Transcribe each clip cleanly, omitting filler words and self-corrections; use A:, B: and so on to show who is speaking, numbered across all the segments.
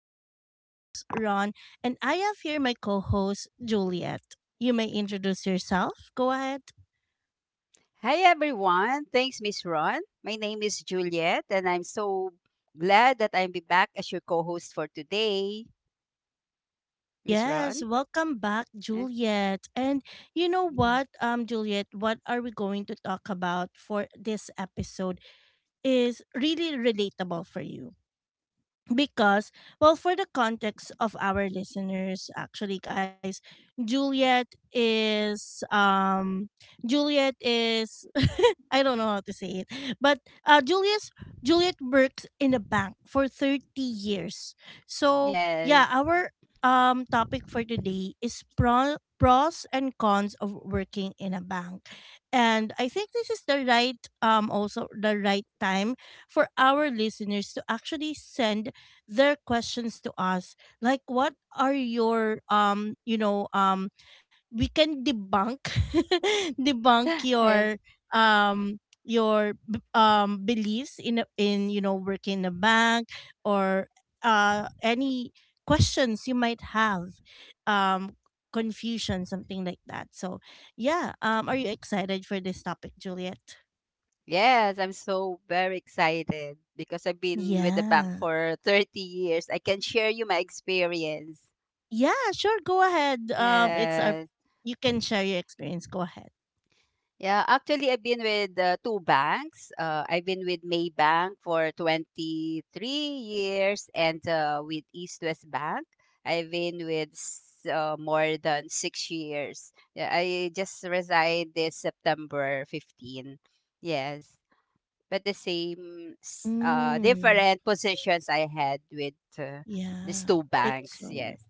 A: This is your host, Ron, and I have here my co host, Juliet. You may introduce yourself. Go ahead.
B: Hi everyone. Thanks, Miss Ron. My name is Juliet and I'm so glad that I'll be back as your co-host for today. Miss
A: Yes,
B: Ron?
A: welcome back,
B: Eh,
A: Juliet. And you know
B: Yes.
A: what, Juliet, what are we going to talk about for this episode is really relatable for you, because, well, for the context of our listeners, actually, guys, Juliet is juliet is I don't know how to say it, but julius Juliet works in a bank for 30 years. So yeah,
B: Yes.
A: our topic for today is pros and cons of working in a bank. And I think this is the right also the right time for our listeners to actually send their questions to us, like, what are your we can debunk debunk
B: Eh,
A: your um beliefs in in, you know, working in a bank, or any questions you might have, um confusion, something like that. So yeah, are you excited for this topic, Juliet?
B: Yes, I'm so very excited because I've been with the bank
A: Yeah.
B: for 30 years. I can share you my experience.
A: Yeah, sure, go ahead. It's a,
B: Yes.
A: you can share your experience. Go ahead.
B: Yeah, actually, I've been with two banks. I've been with Maybank for 23 years and with East West Bank, I've been with more than 6 years. Yeah, I just resigned this September 15. Yes, but the same,
A: Mm.
B: different positions I had with these
A: Yeah,
B: two
A: it's
B: banks.
A: so new.
B: Yes.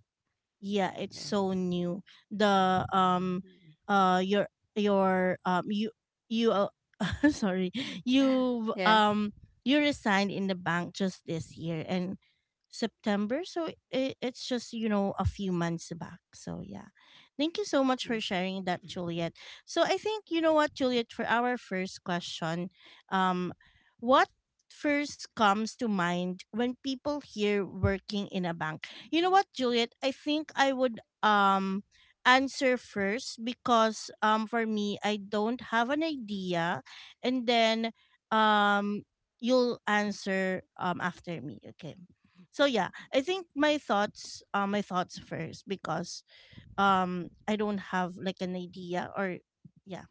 A: Yeah, it's so
B: Yes.
A: new. The
B: Mm.
A: uh, your your you you sorry, you
B: Yeah.
A: um you resigned in the bank just this year and September, so it's just, you know, a few months back. So yeah, thank you so much
B: Yeah.
A: for sharing that, Juliet. So I think, you know what, Juliet, for our first question, um, what first comes to mind when people hear working in a bank? You know what, Juliet? I think I would answer first, because for me I don't have an idea, and then um you'll answer after me, okay? So yeah, I think my thoughts, my thoughts first because I don't have like an idea, or yeah,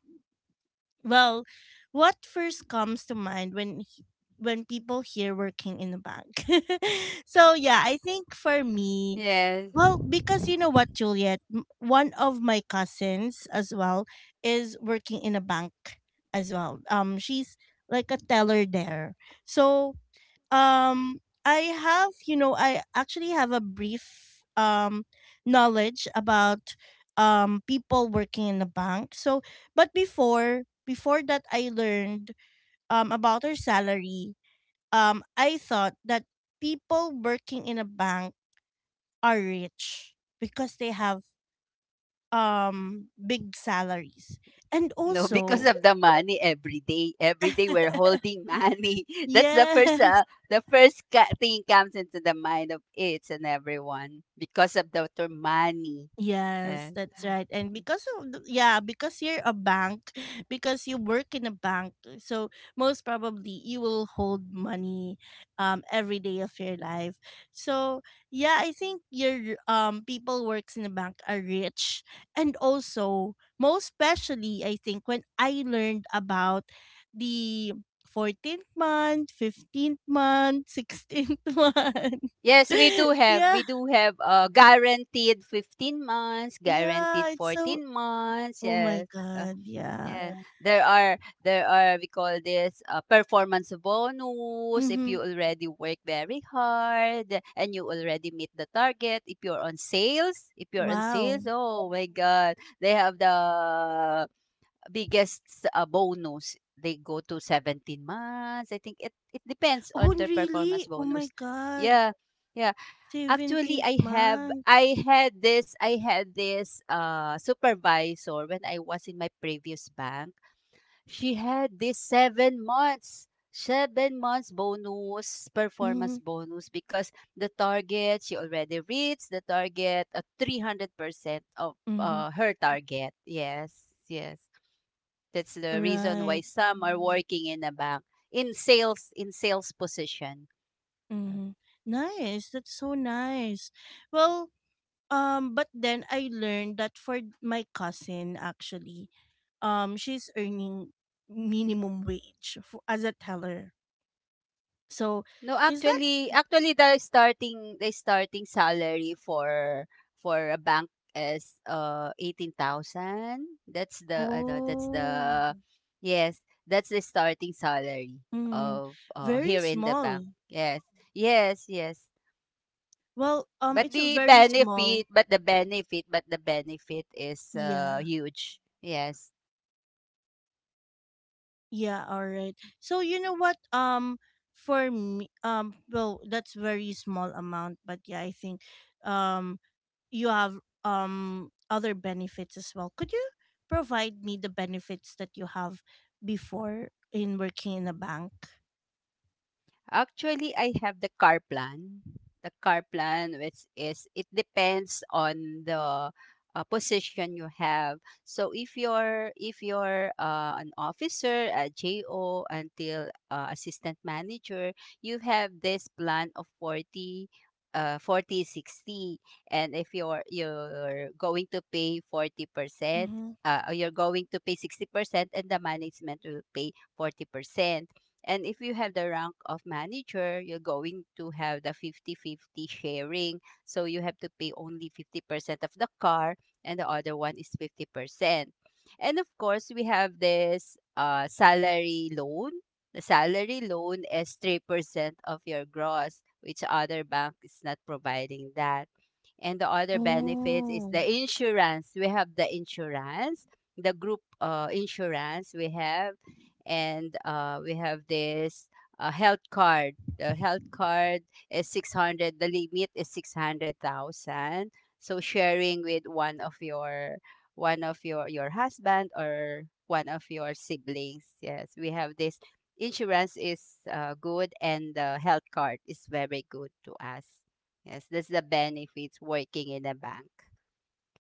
A: well, what first comes to mind when when people hear working in a bank? So yeah, I think for me,
B: Yes.
A: well, because, you know what, Juliet, one of my cousins as well is working in a bank as well. She's like a teller there. So I have, you know, I actually have a brief knowledge about people working in the bank. So, but before that I learned about their salary, I thought that people working in a bank are rich because they have big salaries. And
B: No, because
A: also
B: of the money every day. Every day we're holding money. That's the
A: yeah.
B: first thing comes into the mind of it's and everyone because of the term money. Uh,
A: Yes, that's right. And because of yeah, because you're a bank, because you work in a bank, so most probably you will hold money every day of your life. So, yeah, I think your people works in a bank are rich, and also most especially I think when I learned about the 14th month, 15th month, 16th month.
B: yes, we do have
A: Yeah,
B: we do have uh, guaranteed 15 months,
A: yeah,
B: guaranteed
A: it's so,
B: 14 months.
A: oh my
B: Yes. uh,
A: god, yeah.
B: Yeah. Oh, there are we call this performance bonus if
A: Mm-hmm.
B: you already work very hard and you already meet the target. If you're on sales, if you're on
A: Wow.
B: sales, oh my God, they have the biggest bonus. They go to 17 months. I think it depends
A: Oh,
B: on their
A: really?
B: performance
A: Oh my
B: bonus.
A: god.
B: Yeah. Yeah, actually
A: 17th
B: I have
A: month.
B: I had this supervisor when I was in my previous bank. She had this 7 months, 7 months bonus, performance
A: Mm-hmm.
B: bonus because the target she already reached the target at 300% of
A: Mm-hmm.
B: her target. Yes, yes. That's the reason why
A: Right.
B: some are working in a bank in sales position. Uh,
A: Mm-hmm. Nice. That's so nice. Well, but then I learned that for my cousin, actually, she's earning minimum wage as a teller. So,
B: No,
A: is that?
B: actually the starting salary for a bank is 18,000. That's the ano, that's
A: Oh,
B: the yes, that's the starting salary
A: mm-hmm.
B: of
A: Very
B: here in the
A: small.
B: bank. Yes. Yes, yes.
A: Well,
B: But
A: it's a,
B: the
A: very small.
B: benefit, but the benefit, but the benefit is
A: Yeah.
B: huge. Yes.
A: Yeah, all right. So, you know what? For me, well, that's very small amount, but yeah, I think, um, you have other benefits as well. Could you provide me the benefits that you have before in working in a bank?
B: Actually, I have the car plan. The car plan, which is it depends on the position you have. So if you're an officer, a JO until assistant manager, you have this plan of 40 40-60. And if you're going to pay 40%
A: Mm-hmm.
B: or you're going to pay 60%, and the management will pay 40%. And if you have the rank of manager, you're going to have the 50-50 sharing. So you have to pay only 50% of the car and the other one is 50%. And of course, we have this salary loan. The salary loan is 3% of your gross, which other bank is not providing that. And the other benefits is
A: Oh.
B: the insurance. We have the insurance, the group insurance we have, and we have this health card. The health card is 600, the limit is 600,000. So sharing with one of your husband or one of your siblings. Yes, we have this insurance is good, and the health card is very good to us. Yes, that's the benefits working in a bank.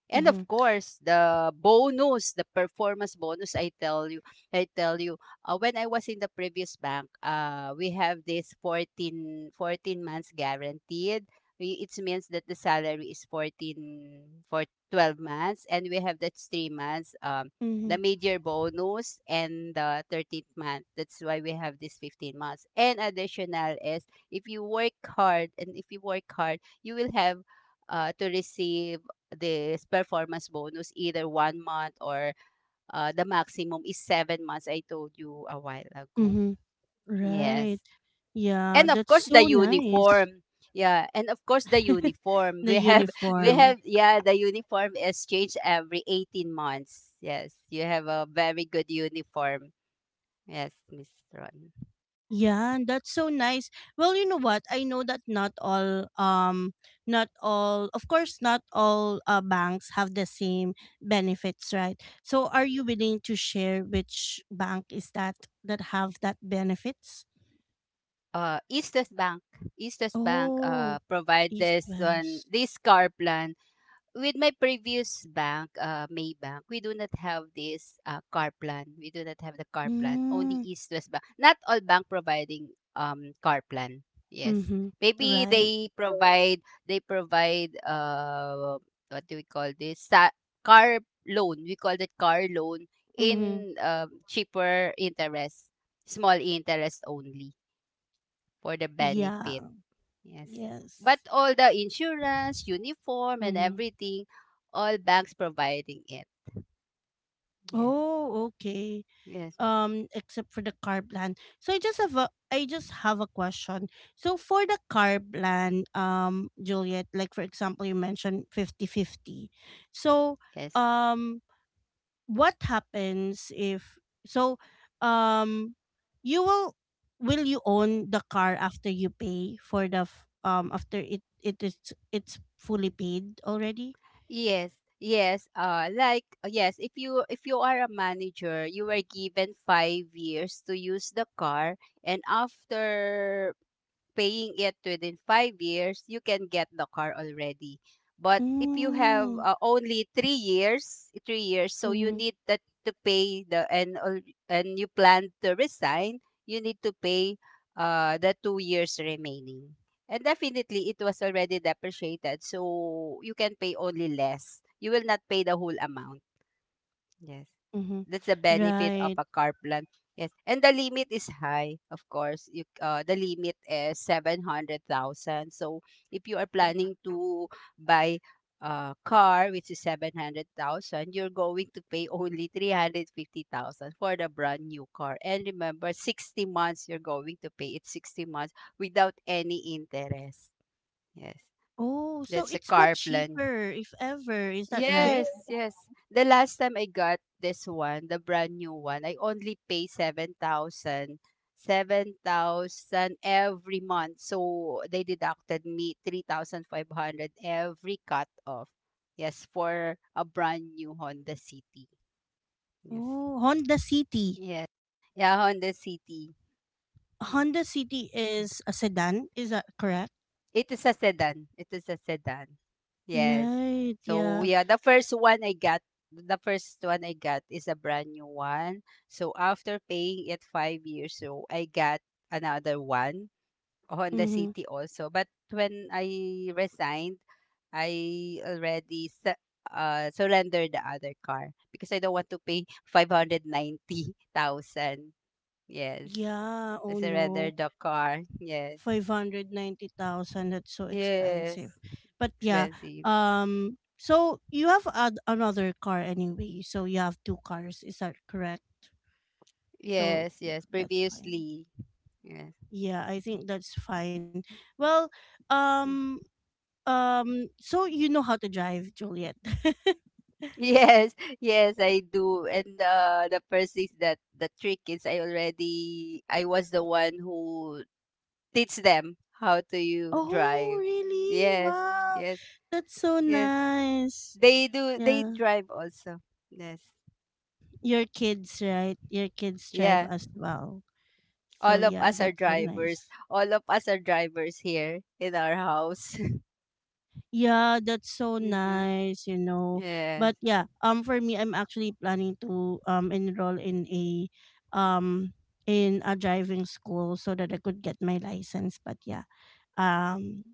B: And of
A: Mhm.
B: course, the bonus, the performance bonus, I tell you, when I was in the previous bank, we have this 14 14 months guaranteed. It means that the salary is 14 for 12 months, and we have that 3 months, the
A: Mm-hmm.
B: major bonus, and the 13th month. That's why we have this 15 months. And additional is if you work hard, and if you work hard, you will have to receive this performance bonus either 1 month or the maximum is 7 months. I told you a while ago.
A: Mm-hmm. Right.
B: Yes.
A: Yeah,
B: And of course
A: that's
B: the
A: so nice.
B: uniform. Yeah, and of course the uniform.
A: The
B: We have
A: uniform.
B: the uniform is changed every 18 months. Yes. You have a very good uniform. Yes, Miss Ron.
A: Yeah, that's so nice. Well, you know what? I know that not all not all of course not all banks have the same benefits, right? So, are you willing to share which bank is that that have that benefits?
B: Eastern Bank. Eastern Bank
A: Oh,
B: provide
A: East
B: this one
A: West.
B: this car plan. With my previous bank, Maybank, we do not have this car plan. We do not have the car plan. Only
A: Mm,
B: East West Bank. Not all bank providing car plan. Yes,
A: mm-hmm.
B: maybe
A: Right.
B: they provide what do we call this car loan? We call that car loan
A: Mm-hmm.
B: in cheaper interest, small interest only for the benefit.
A: Yeah.
B: Yes. But
A: Yes.
B: all the insurance, uniform, and
A: Mm-hmm.
B: everything, all banks providing it. Yes.
A: Oh, okay.
B: Yes.
A: Um, except for the car plan. So I just have a, I just have a question. So, for the car plan, Juliet, like, for example, you mentioned 50 50. So
B: Yes.
A: um what happens if, so um you will you own the car after you pay for the after it is, it's fully paid already?
B: Yes. Yes. Like, yes, if you are a manager, you were given 5 years to use the car, and after paying it within 5 years, you can get the car already. But if you have
A: Mm.
B: only 3 years, 3 years, so you
A: Mm-hmm.
B: need that to pay the and al- and you plan to resign, you need to pay the 2 years remaining. And definitely, it was already depreciated, so you can pay only less. You will not pay the whole amount. Yes.
A: Mm-hmm.
B: That's the benefit of
A: Right.
B: a car plan. Yes. And the limit is high, of course. You the limit is 700,000. So if you are planning to buy a car which is 700,000, you're going to pay only 350,000 for the brand new car. And remember 60 months you're going to pay it 60 months without any interest. Yes.
A: Oh, so
B: That's a
A: it's much
B: car plan.
A: cheaper if ever, is that right?
B: Yes, yes. The last time I got this one, the brand new one, I only pay 7,000. 7,000 every month. So they deducted me 3,500 every cut off. Yes, for a brand new Honda City. Yes.
A: Oh, Honda City.
B: Yeah. Yeah, Honda City. Mm.
A: Honda City is a sedan, is that correct?
B: It is a sedan. It is a sedan. Yes.
A: Right,
B: So
A: yeah.
B: yeah, the first one I got, the first one I got is a brand new one. So after paying it 5 years, so I got another one Honda
A: Mm-hmm.
B: city also. But when I resigned, I already surrendered the other car because I don't want to pay 590,000. Yes,
A: Yeah,
B: I
A: oh no.
B: surrendered the car. Yes,
A: 590,000, that's so expensive.
B: yes,
A: But yeah,
B: expensive.
A: so you have another car anyway. So you have two cars, is that correct? So
B: Yes,
A: yeah,
B: yes,
A: that's fine.
B: previously. Yes.
A: Yeah, I think that's fine. Well,
B: Mm.
A: um. So you know how to drive, Juliet.
B: Yes, yes, I do. And the first is that the trick is I was the one who teach them how to you
A: Oh,
B: drive.
A: really?
B: Yes,
A: Wow.
B: yes,
A: That's so
B: yes.
A: nice.
B: They
A: Yeah.
B: drive also. Yes.
A: Your kids, right? Your kids drive
B: Yeah.
A: as well. So
B: All of
A: yeah,
B: us are
A: that's so
B: drivers.
A: nice.
B: All of us are drivers here in our house.
A: Yeah, that's so
B: Yes.
A: nice, you know.
B: Yes.
A: But yeah, for me I'm actually planning to enroll um in a driving school so that I could get my license. But yeah. Um,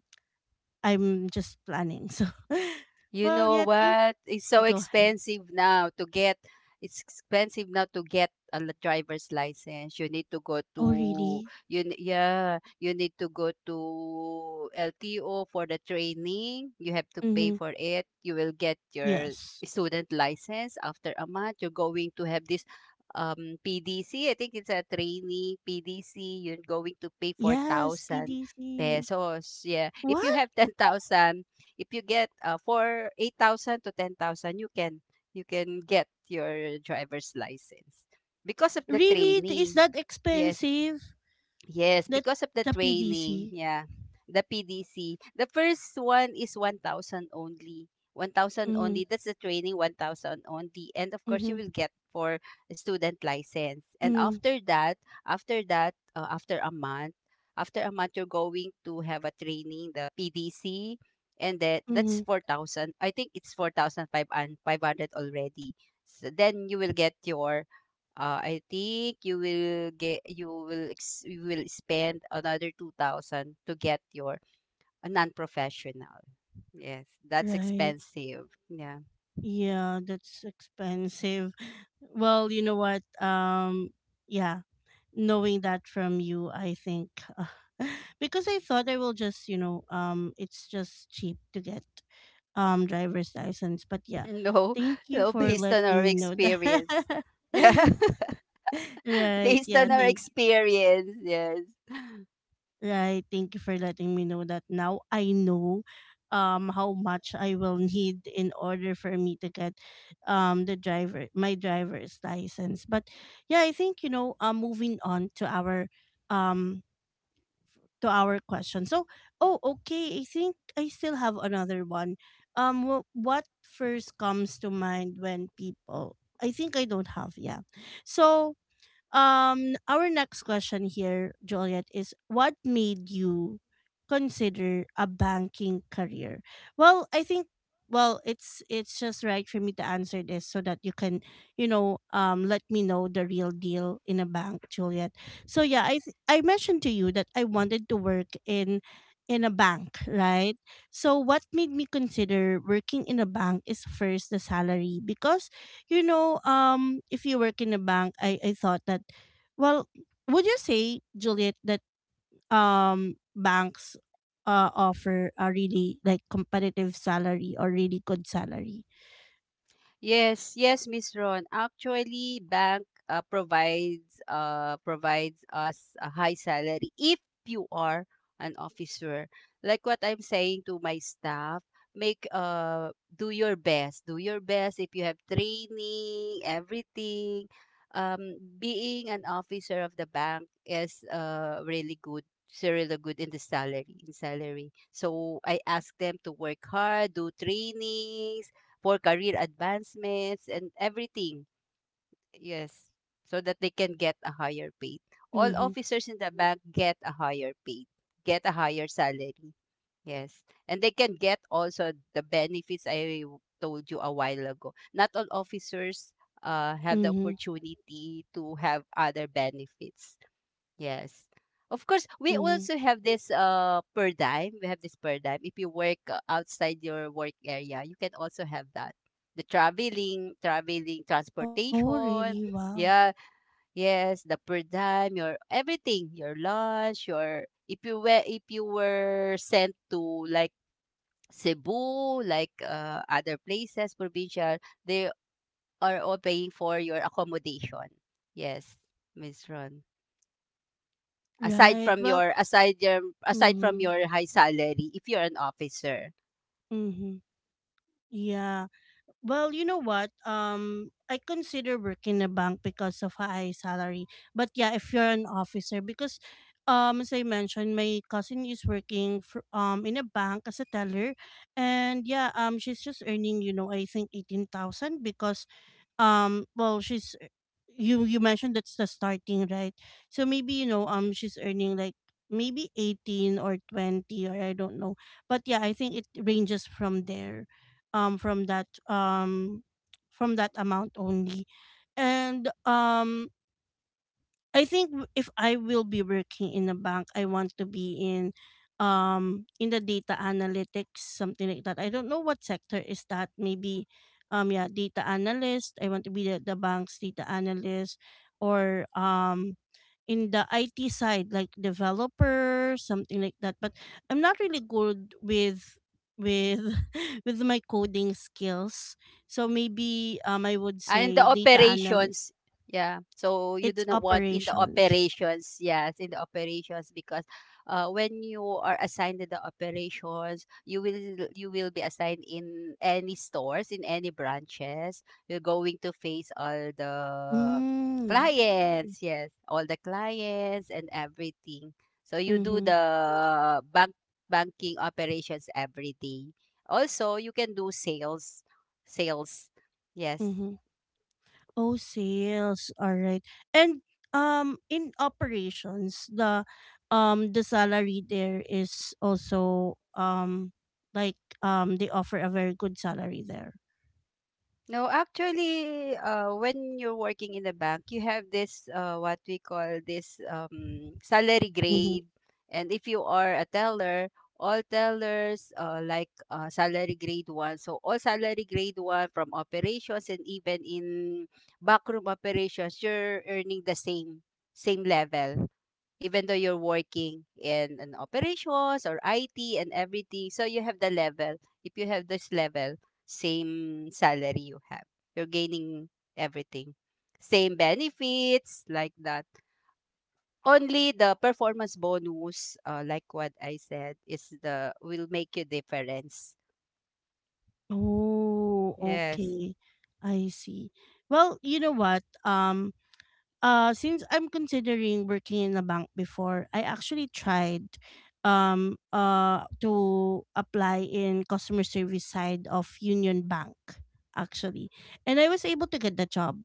A: I'm just planning. So,
B: You
A: well,
B: know
A: yeah, thank.
B: what? It's so
A: Go ahead.
B: expensive now to get a driver's license. You need to go
A: Oh,
B: to
A: really?
B: you n- yeah, you need to go to LTO for the training. You have to pay
A: Mm-hmm.
B: for it. You will get your
A: Yes.
B: student license after a month. You're going to have this PDC. I think it's a trainee PDC. You're going to pay
A: Yes,
B: 4,000
A: PDC.
B: pesos. Yeah. If you
A: What?
B: have 10,000 if you get for 8,000 to 10,000 you can get your driver's license because of the
A: Really? Is
B: training.
A: that
B: Yes.
A: expensive?
B: Yes,
A: That
B: because of the
A: the
B: training.
A: PDC?
B: Yeah. The PDC. The first one is 1,000 only. 1,000
A: Mm-hmm.
B: only. That's the training, 1,000 only. And of course, you
A: Mm-hmm.
B: will get for a student license. And
A: Mm-hmm.
B: after a month, you're going to have a training, the PDC. And then that's
A: Mm-hmm.
B: 4,000. I think it's 4,500 already. So then you will get your I think you will spend another 2,000 to get your a non-professional. Yes, that's
A: Right.
B: expensive. Yeah.
A: Yeah, that's expensive. Well, you know what? Yeah, knowing that from you, I think, because I thought I will just, you know, it's just cheap to get driver's license. But yeah,
B: No,
A: thank you
B: no
A: for
B: based on our
A: letting me know that.
B: experience. Yeah.
A: Right,
B: based
A: yeah,
B: on our
A: thank
B: experience. Yes.
A: right, thank you for letting me know that. Now I know how much I will need in order for me to get the driver my driver's license. But yeah, I think, you know, moving on um to our question. So, oh, okay. I think I still have another one. What first comes to mind when people? I think I don't have. Yeah. So, our next question here, Juliet, is, what made you consider a banking career? Well, I think, well, it's just right for me to answer this so that you can, you know, let me know the real deal in a bank, Juliet. So yeah, I mentioned to you that I wanted to work in a bank, right? So what made me consider working in a bank is, first, the salary because, you know, if you work in a bank, I thought that, well, would you say, Juliet, that banks offer a really like competitive salary or really good salary?
B: Yes, yes, Miss Ron. Actually, bank provides us a high salary if you are an officer. Like what I'm saying to my staff, make do your best. Do your best if you have training, everything. Being an officer of the bank is really good. It's really good in the salary in salary. So I ask them to work hard, do trainings for career advancements and everything. Yes, so that they can get a higher paid. All
A: Mm-hmm.
B: officers in the bank get a higher paid, get a higher salary. Yes, and they can get also the benefits I told you a while ago. Not all officers have the
A: Mm-hmm.
B: opportunity to have other benefits. Yes. Of course, we
A: Mm-hmm.
B: also have this per dime. We have this per dime. If you work outside your work area, you can also have that. The traveling, traveling,
A: Oh, really?
B: transportation.
A: Wow.
B: Yeah, yes, the per dime, your everything, your lunch, your if you were sent to like Cebu, like other places, provincial, they are all paying for your accommodation. Yes, Miss Ron. aside
A: Right.
B: from
A: Well,
B: your aside your aside from
A: mm-hmm.
B: your high salary if you're an officer.
A: Mm-hmm. Yeah. Well, you know what? I consider working in a bank because of high salary. But yeah, if you're an officer, because as I mentioned, my cousin is working um, in a bank as a teller, and yeah, she's just earning, you know, I think 18,000, because well, she's, you mentioned that's the starting, right? So maybe, you know, she's earning like maybe 18 or 20, or I don't know, but yeah, I think it ranges from there, um from that um from that amount only. And I think, if I will be working in a bank, I want to be in the data analytics, something like that. I don't know what sector is that. Maybe yeah, data analyst. I want to be the bank's data analyst, or in the IT side, like developer, something like that. But I'm not really good with with my coding skills. So maybe I would
B: And the
A: say data analyst.
B: operations, yeah. So you
A: It's
B: do not want in the
A: operations.
B: operations, yes, in the operations because when you are assigned in the operations, you will be assigned in any stores, in any branches. You're going to face all the
A: Mm.
B: clients, yes, all the clients and everything. So you do
A: Mm-hmm.
B: the banking operations every day. Also, you can do sales, sales. Yes.
A: Mm-hmm. Oh, sales. All right. And in operations, the salary there is also like they offer a very good salary there.
B: No, actually, when you're working in a bank, you have this what we call this salary
A: Mm-hmm.
B: grade, and if you are a teller, all tellers like salary grade one. So all salary grade one from operations and even in backroom operations, you're earning the same level even though you're working in an operations or IT and everything. So you have the level. If you have this level, same salary you have. You're gaining everything. Same benefits like that. Only the performance bonus, like what I said, is the will make you difference.
A: Oh,
B: Yes.
A: okay. I see. Well, you know what? Um. Since I'm considering working in a bank before, I actually tried to apply in customer service side of Union Bank, actually. And I was able to get the job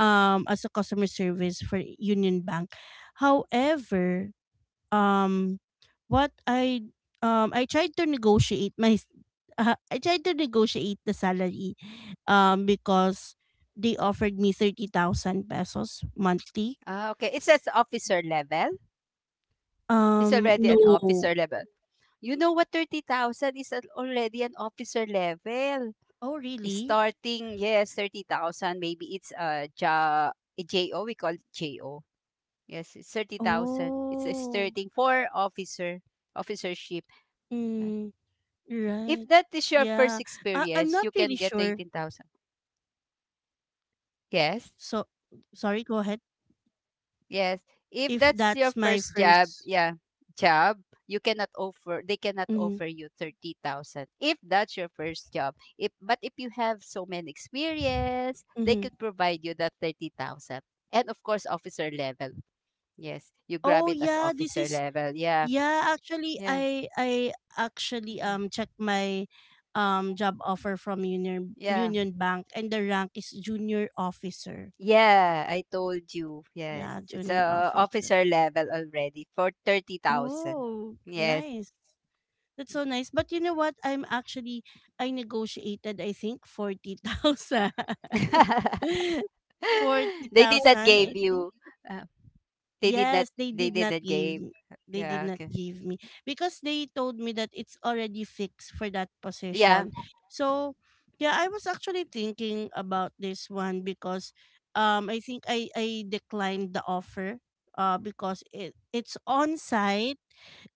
A: as a customer service for Union Bank. However, um what I tried to negotiate my, I tried to negotiate the salary because they offered me 30,000 pesos monthly.
B: Ah, okay. It says officer level. It's already an
A: No.
B: officer level. You know what? 30,000 is already an officer level.
A: Oh, really?
B: Starting, yes, 30,000 maybe it's a JO, we call it JO. Yes, it's 30,000. It's a
A: Oh,
B: starting for officer, officership.
A: mm, right.
B: If
A: Yeah.
B: that is your
A: I
B: first
A: I'm not really
B: experience, you
A: sure.
B: can get 18,000.
A: So,
B: Yes?
A: sorry, go ahead.
B: Yes.
A: If
B: If
A: that's
B: that's
A: my
B: your first
A: first.
B: job, yeah, job, you cannot offer they cannot
A: Mm-hmm,
B: offer you 30,000 if that's your first job. If but if you have so many experience, they
A: mm-hmm.
B: could provide you that 30,000. And of course, officer level. Yes, you grab
A: Oh
B: it as
A: yeah, this
B: officer
A: is,
B: level. Yeah.
A: yeah, actually
B: Yeah.
A: I actually
B: Yeah.
A: checked my job offer from
B: Yeah.
A: Union Bank, and the rank is junior officer.
B: Yeah, I told you. Yes.
A: Yeah,
B: It's
A: junior
B: a
A: officer.
B: officer level already for 30,000.
A: Oh,
B: Yes.
A: nice. That's so nice. But you know what? I'm actually, I negotiated I think 40,000.
B: they did not
A: 40,000
B: gave
A: I think.
B: you. Uh, they did not.
A: Yes, they
B: They
A: did
B: did
A: not
B: not
A: give
B: gave.
A: me. They
B: Yeah.
A: did not
B: Okay.
A: give me because they told me that it's already fixed for that
B: Yeah.
A: position. So, yeah, I was actually thinking about this one because I think I declined the offer because it's on site.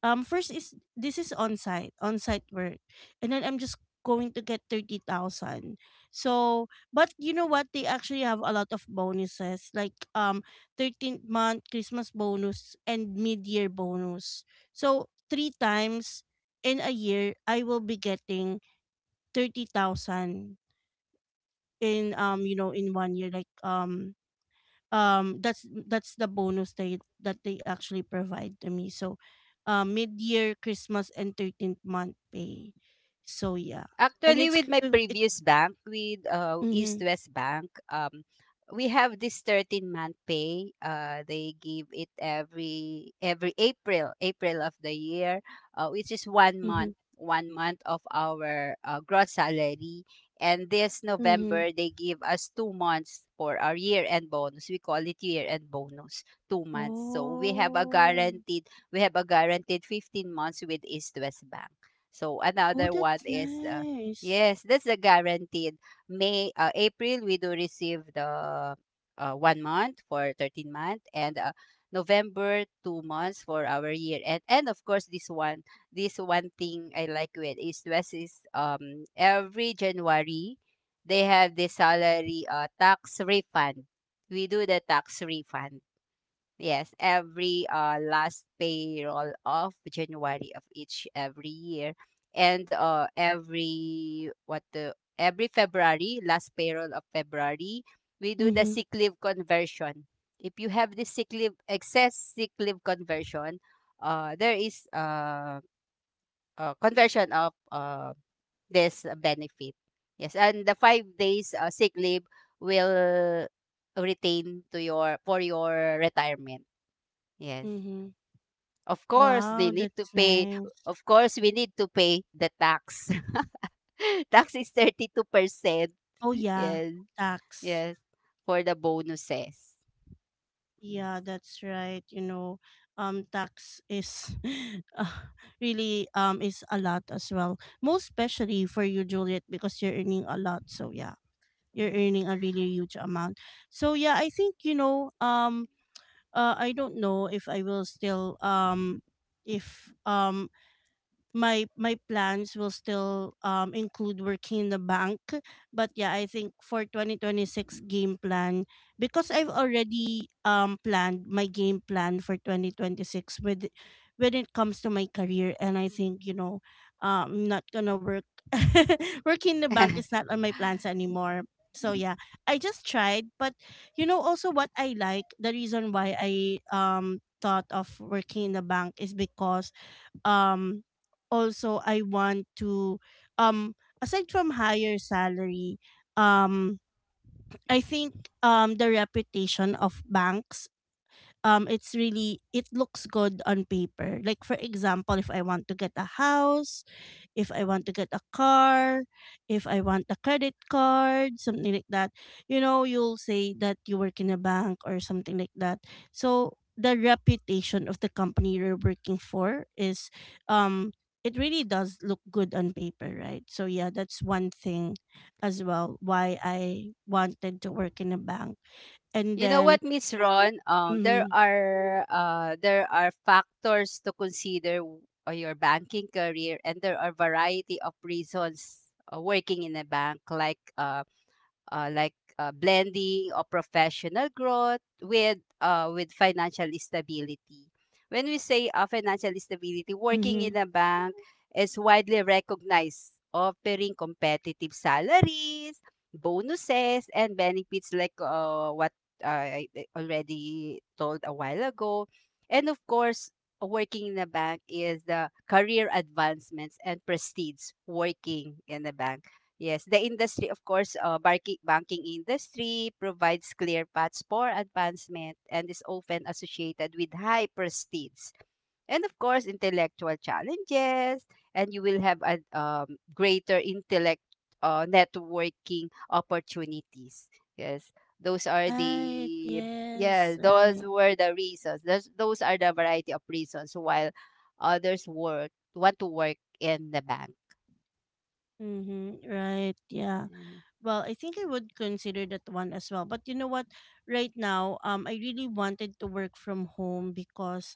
A: First is this is on site work, and then I'm just going to get 30,000. So, but you know what, they actually have a lot of bonuses, like 13th month christmas bonus and mid-year bonus, so three times in a year I will be getting 30,000 in, in 1 year, like that's the bonus they that they actually provide to me. So mid-year, christmas, and 13th month pay. So yeah. and
B: Actually,
A: it's
B: with my
A: c- it
B: previous bank, with East
A: mm-hmm,
B: West Bank, we have this 13-month pay. They give it every April, April of the year, which is one
A: mm-hmm,
B: month, 1 month of our gross salary. And this
A: mm-hmm.
B: November, they give us 2 months for our year-end bonus. We call it year-end bonus, 2 months. So we have a
A: Oh.
B: guaranteed, we have a guaranteed 15 months with East West Bank. So
A: Oh,
B: another one
A: that's
B: is
A: nice.
B: yes, that's a guaranteed. May April we do receive the 1 month for 13 month and November 2 months for our year and of course this one, this one thing I like with East West is every January they have the salary tax refund. We do the tax refund. Yes, every last payroll of January of each every year, and every what the every February last payroll of February we do the
A: Mm-hmm,
B: sick leave conversion. If you have the sick leave excess sick leave conversion, there is conversion of this benefit. Yes, and the 5 days sick leave will retain to your for your retirement. Yes.
A: mm-hmm.
B: Of course,
A: Wow,
B: they need to
A: that's
B: pay.
A: nice.
B: Of course, we need to pay the tax. Tax is 32%.
A: Oh yeah.
B: Yes,
A: Tax.
B: yes, for the bonuses.
A: Yeah, that's right. You know, tax is, uh, really is a lot as well. Most especially for you, Juliet, because you're earning a lot. So yeah, you're earning a really huge amount. So yeah, I think, I don't know if I will still, if my my plans will still include working in the bank. But yeah, I think for 2026 game plan, because I've already planned my game plan for 2026. With when it comes to my career, and I think, I'm not gonna work. working in the bank is not on my plans anymore. So yeah, I just tried. But you know, also what I like, the reason why I thought of working in the bank, is because, um also I want to, um aside from higher salary, um I think, the reputation of banks, it's really, it looks good on paper. Like for example, if I want to get a house, if I want to get a car, if I want a credit card, something like that, you know, you'll say that you work in a bank or something like that. So the reputation of the company you're working for is, um it really does look good on paper, right? So yeah, that's one thing as well why I wanted to work in a bank. And
B: You know
A: then.
B: what, Miss Ron? There
A: Mm-hmm,
B: are there are factors to consider your banking career, and there are variety of reasons working in a bank, like blending or professional growth with financial stability. When we say financial stability, working
A: mm-hmm.
B: in a bank is widely recognized, offering competitive salaries, bonuses, and benefits like what I already told a while ago. And of course, working in a bank is the career advancements and prestige working in a bank. Yes, the industry, of course, banking industry provides clear paths for advancement and is often associated with high prestige and, of course, intellectual challenges. And you will have a greater intellect, networking opportunities. Yes, those are
A: Right,
B: the yeah,
A: yes,
B: those
A: right.
B: were the reasons. Those are the variety of reasons while others work want to work in the bank.
A: Mm-hmm, right, yeah.
B: Yeah.
A: Well, I think I would consider that one as well. But you know what? Right now, I really wanted to work from home because,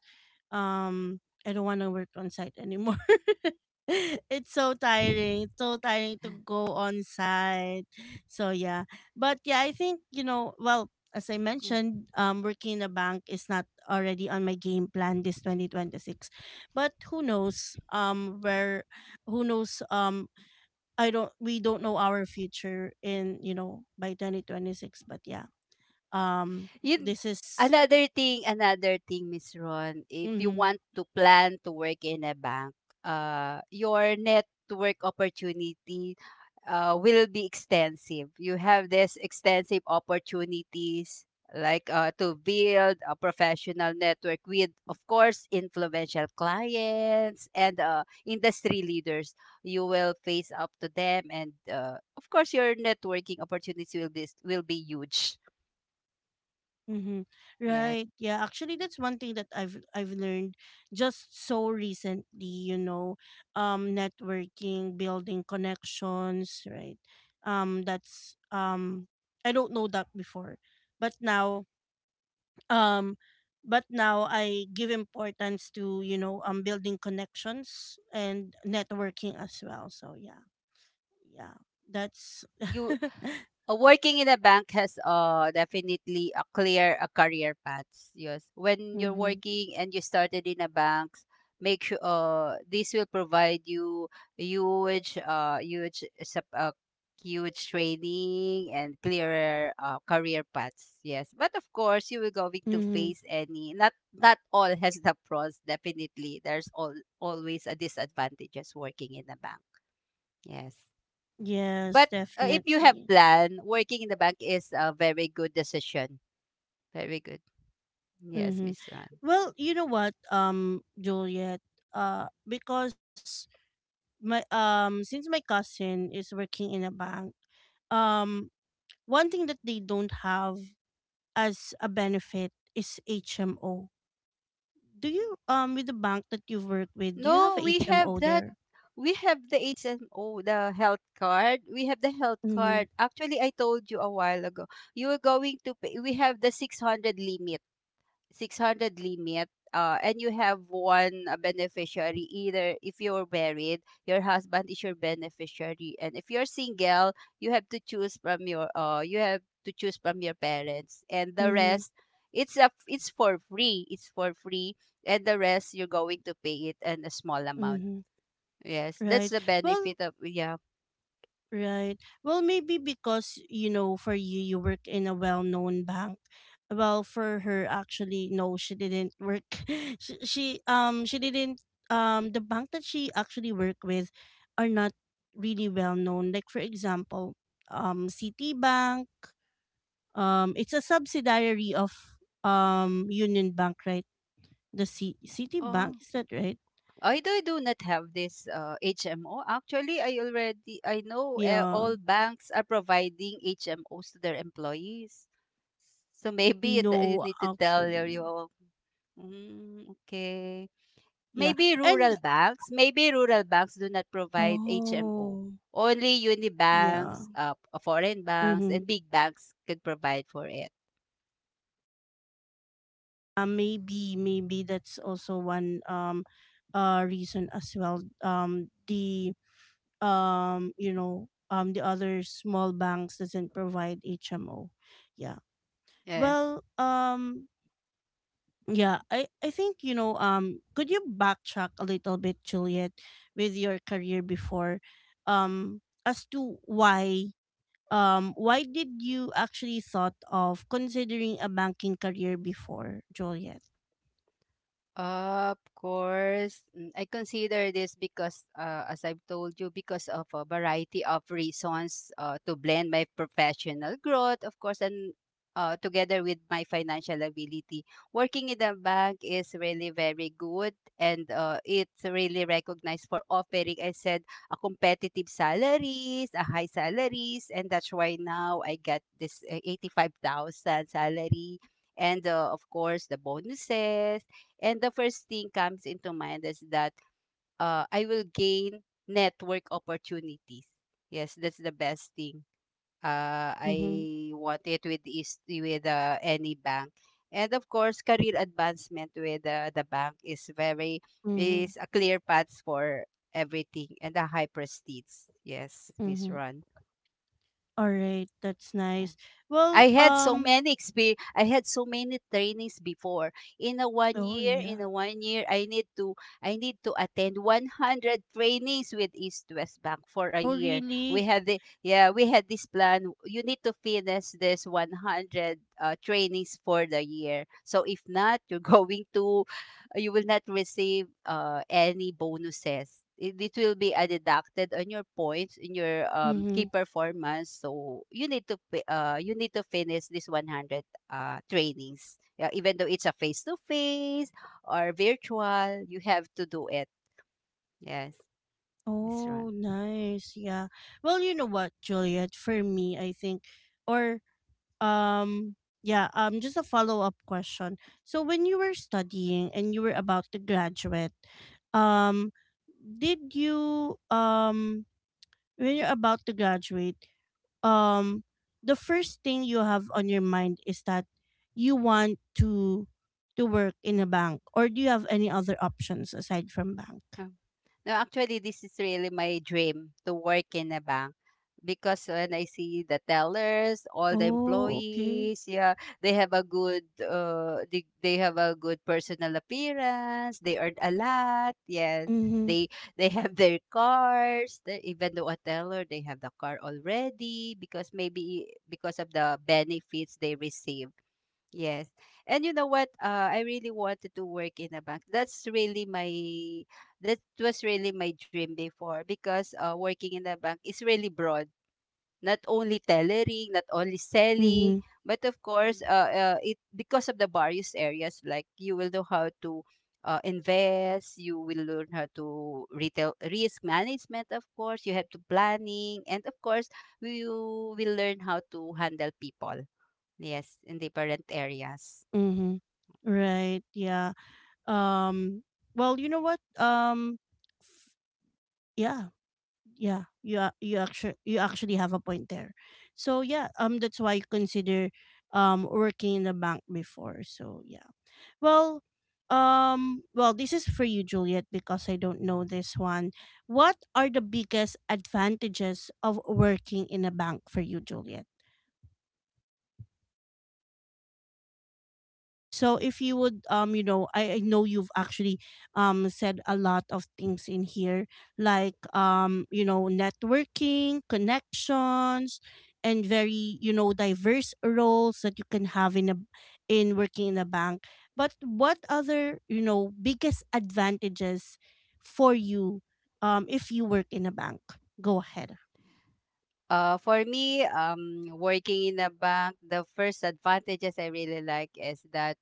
A: um, I don't want to work on site anymore. it's so tiring. It's so tiring to go on site. So yeah. But yeah, I think, you know, well, as I mentioned, working in a bank is not already on my game plan this 2026. But who knows where who knows. I don't, we don't know our future in, you know, by 2026. But yeah,
B: Yun
A: this is.
B: Another thing, Miss Ron, if you
A: Mhm.
B: want to plan to work in a bank, your network opportunity, will be extensive. You have this extensive opportunities like to build a professional network with of course influential clients and industry leaders. You will face up to them and of course your networking opportunities will be huge.
A: Mhm.
B: Yeah
A: Right, yeah. Actually, that's one thing that I've learned just so recently, you know, networking, building connections, right? That's I don't know that before, but now, um but now I give importance to, you know, building connections and networking as well. So yeah, yeah. That's.
B: you Working in a bank has definitely a clear a career paths. Yes, when you're
A: hmm.
B: working and you started in a bank, make sure this will provide you huge uh huge sup- uh, huge training and clearer career paths. Yes, but of course you will going to
A: Hmm.
B: face any not all has the pros. Definitely, there's all always a disadvantages working in a bank. Yes.
A: Yes,
B: But if you have
A: definitely.
B: plan, working in the bank is a very good decision. Very good. Yes,
A: Hmm.
B: Miss Ron.
A: Well, you know what, Juliet, because my, since my cousin is working in a bank, um one thing that they don't have as a benefit is HMO. Do you with the bank that you work with, do you have
B: No,
A: a
B: we
A: HMO
B: have that.
A: there?
B: We have the HMO, the health card. We have the health
A: Mhm.
B: card. Actually, I told you a while ago. You are going to pay. We have the 600 limit. 600 limit. And you have one beneficiary. Either if you're married, your husband is your beneficiary, and if you're single, you have to choose from your you have to choose from your parents, and the
A: Mhm.
B: rest, it's for free. It's for free, and the rest you're going to pay it in a small amount.
A: Mhm.
B: Yes, that's
A: Right.
B: the
A: Well,
B: benefit of yeah.
A: right. Well, maybe because, you know, for you you work in a well-known bank. Well, for her actually no, she didn't work. She didn't, the bank that she actually worked with are not really well known. Like for example, Citibank, it's a subsidiary of Union Bank, right? The C-
B: Oh,
A: Citibank, is that right?
B: I do not have this HMO. Actually, I know
A: Yeah.
B: all banks are providing HMOs to their employees. So maybe it, you
A: No,
B: need to tell your
A: actually.
B: mm, okay.
A: Yeah. And
B: Maybe rural banks do not provide
A: oh,
B: HMO. Only uni
A: yeah.
B: banks, foreign
A: Mm-hmm.
B: banks, and big banks could provide for it.
A: Maybe that's also one reason as well. The you know, the other small banks doesn't provide HMO. Yeah. Well, um. Yeah, I think, you know, could you backtrack a little bit, Juliet, with your career before, um, as to why did you actually thought of considering a banking career before, Juliet?
B: Of course, I consider this because, as I've told you, because of a variety of reasons to blend my professional growth, of course, and together with my financial ability. Working in a bank is really very good and it's really recognized for offering, I said, a competitive salaries, a high salaries, and that's why now I got this 85,000 salary. And of course, the bonuses and the first thing comes into mind is that I will gain network opportunities. Yes, that's the best thing.
A: Mm-hmm.
B: I want it with is with any bank. And of course, career advancement with the bank is very
A: Mm-hmm.
B: is a clear path for everything and a high prestige. Yes, Miss
A: Mm-hmm.
B: Ron.
A: All right, that's
B: Yeah.
A: nice. Well,
B: I had so
A: um.
B: many experience. I had so many trainings before. In a one
A: Oh
B: year, in
A: yeah.
B: a 1 year, I need to attend 100 trainings with East West Bank for a
A: Oh
B: year.
A: really?
B: We have the yeah, we had this plan. You need to finish this 100 trainings for the year. So if not, you're going to you will not receive any bonuses. It will be deducted on your points in your key
A: Mm-hmm.
B: performance. So you need to you need to finish this 100 trainings. Yeah, even though it's a face to face or virtual, you have to do it. Yes, this run.
A: Oh, nice. Yeah. Well, you know what, Juliet? For me, I think, or um, yeah. Just a follow up question. So when you were studying and you were about to graduate, um, did you when you're about to graduate? um the first thing you have on your mind is that you want to work in a bank, or do you have any other options aside from bank?
B: No, actually, this is really my dream to work in a bank because when I see the tellers, all the
A: Oh, okay.
B: employees, yeah, they have a good, they have a good personal appearance. They earn a lot. Yes,
A: mm-hmm
B: they they have their cars. Even though a teller, they have the car already because maybe because of the benefits they receive. Yes. And you know what? I really wanted to work in a bank. That's really my that was really my dream before because working in a bank is really broad. Not only tailoring, not only selling,
A: mm-hmm
B: but of course, it because of the various areas, like you will know how to invest, you will learn how to retail risk management, of course, you have to planning, and of course, you will learn how to handle people. Yes, in different areas.
A: mm-hmm right, yeah. um you know what? F- yeah yeah you a- you actually, you actually have a point there. So yeah, that's why I consider working in the bank before. So yeah. Well, well, this is for you, Juliet, because I don't know this one. What are the biggest advantages of working in a bank for you, Juliet? So if you would, you know, I know you've actually said a lot of things in here, like, you know, networking, connections, and very, you know, diverse roles that you can have in a, in working in a bank. But what other, you know, biggest advantages for you if you work in a bank? Go ahead.
B: For me, working in a bank, the first advantages I really like is that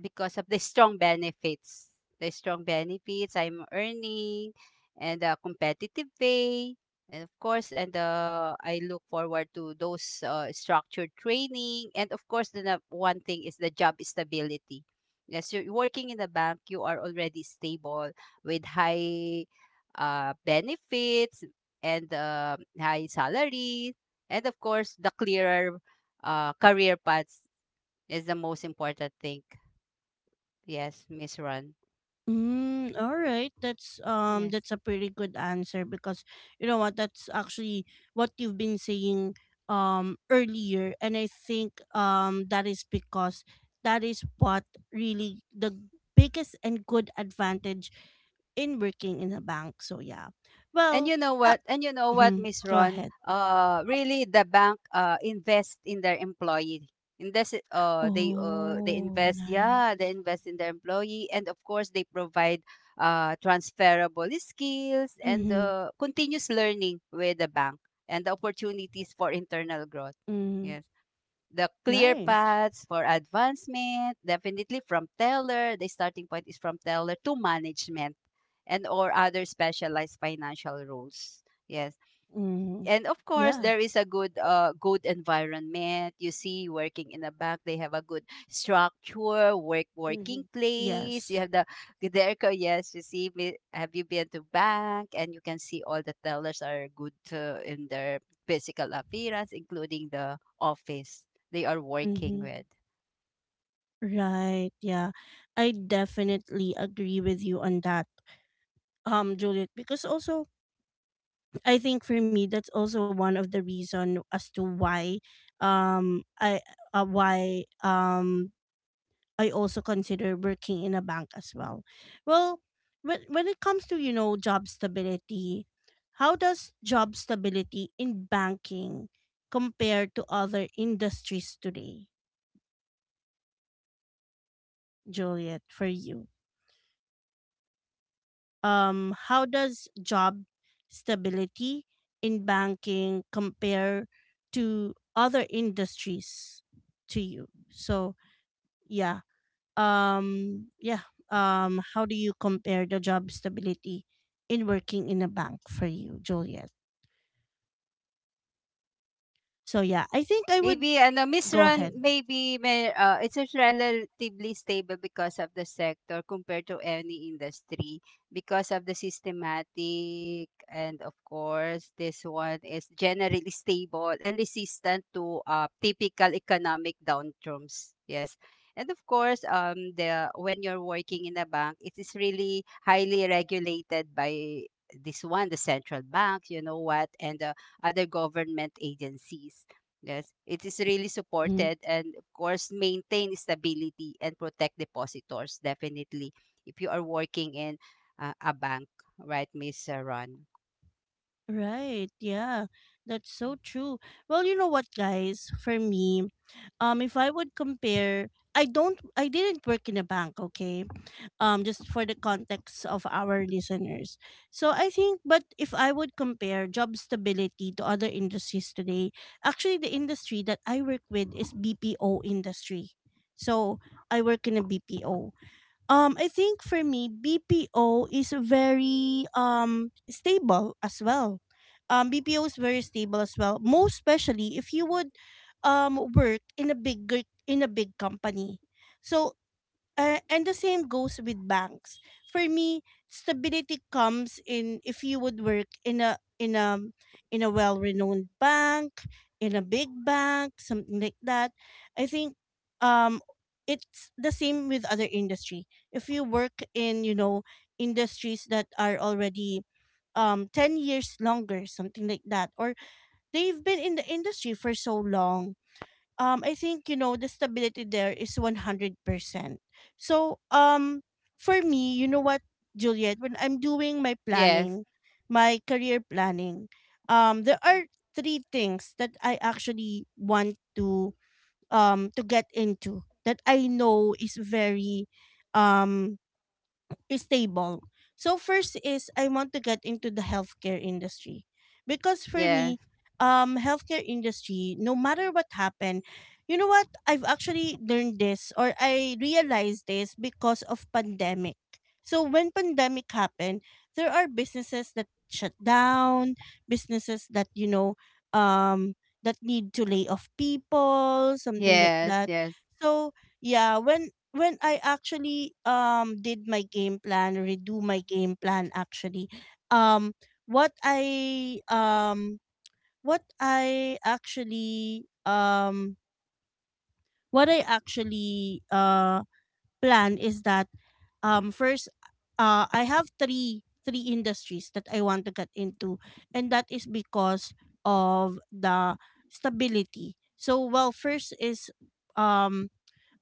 B: because of the strong benefits. The strong benefits I'm earning and the competitive pay. And of course, and I look forward to those structured training. And of course, one thing is the job stability. Yes, you're working in a bank, you are already stable with high benefits and high salary. And of course, the clearer career paths is the most important thing. Yes, Miss Ron.
A: Mm, all right.
B: Yes.
A: That's a pretty good answer, because you know what, that's actually what you've been saying earlier. And I think that is because that is what really the biggest and good advantage in working in a bank. So yeah.
B: And
A: Well,
B: you know
A: uh,
B: what? And you know what,
A: mhm,
B: Miss
A: go
B: Ron?
A: ahead.
B: Really, the bank invest in their employee. Invest it- they
A: Oh,
B: invest. Mm. Yeah,
A: nice.
B: they invest in their employee and of course they provide transferable skills and
A: Mhm.
B: continuous learning with the bank and the opportunities for internal growth.
A: Mm,
B: Yes. The clear
A: nice.
B: paths for advancement, definitely from teller, the starting point is from teller to management and or other specialized financial roles. Yes,
A: Mhm.
B: and of course
A: Yeah.
B: there is a good good environment. You see, working in a bank, they have a good structure working
A: Mhm.
B: place. You
A: Yes.
B: have the yes, you see have you been to bank? And you can see all the tellers are good in their physical appearance, including the office they are working
A: Mhm.
B: with.
A: Right. Yeah. I definitely agree with you on that. Juliet, because also I think for me that's also one of the reason as to why I why I also consider working in a bank as well. Well, when it comes to, you know, job stability, how does job stability in banking compare to other industries today, Juliet, for you? How does job stability in banking compare to other industries to you? So, yeah. Yeah. How do you compare the job stability in working in a bank for you, Juliet? So, yeah, I think I would.
B: Maybe ano, Miss
A: Go
B: Ron,
A: ahead.
B: maybe it's just relatively stable because of the sector compared to any industry, because of the systematic, and of course this one is generally stable and resistant to typical economic downturns. Yes. And of course, the when you're working in a bank, it is really highly regulated by this one, the central bank, you know what, and the other government agencies. Yes, it is really
A: 嗯。
B: supported and of course maintain stability and protect depositors, definitely if you are working in a bank, right, Miss Ron?
A: Right. Yeah. That's so true. Well, you know what, guys? For me, if I would compare, I don't, I didn't work in a bank. Okay, just for the context of our listeners. So I think, but if I would compare job stability to other industries today, actually the industry that I work with is BPO industry. So I work in a BPO. I think for me, BPO is very stable as well. BPO is very stable as well. Most especially if you would work in a big, in a big company. So, and the same goes with banks. For me, stability comes in if you would work in a, in a, in a well-renowned bank, in a big bank, something like that. I think um it's the same with other industry. If you work in, you know, industries that are already 10 years longer, something like that, or they've been in the industry for so long, I think, you know, the stability there is 100%. So for me, you know what, Juliet, when I'm doing my
B: Yes,
A: planning, my career planning, there are three things that I actually want to get into that I know is very um stable. So first is I want to get into the healthcare industry because for
B: yes,
A: me, healthcare industry, no matter what happened, you know what? I've actually learned this, or I realized this, because of pandemic. So when pandemic happened, there are businesses that shut down, businesses that, you know, um, that need to lay off people, something like
B: yes,
A: that.
B: yes.
A: So yeah, when I actually did my game plan, redo my game plan actually, um what I um what I actually um what I actually plan is that, first, I have three industries that I want to get into, and that is because of the stability. So well, first is um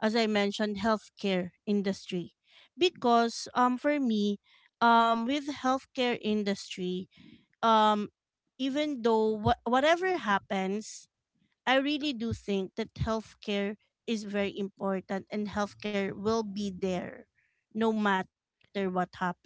A: as I mentioned, healthcare industry, because for me, with healthcare industry, um even though wha- whatever happens, I really do think that healthcare is very important, and healthcare will be there no matter what happen.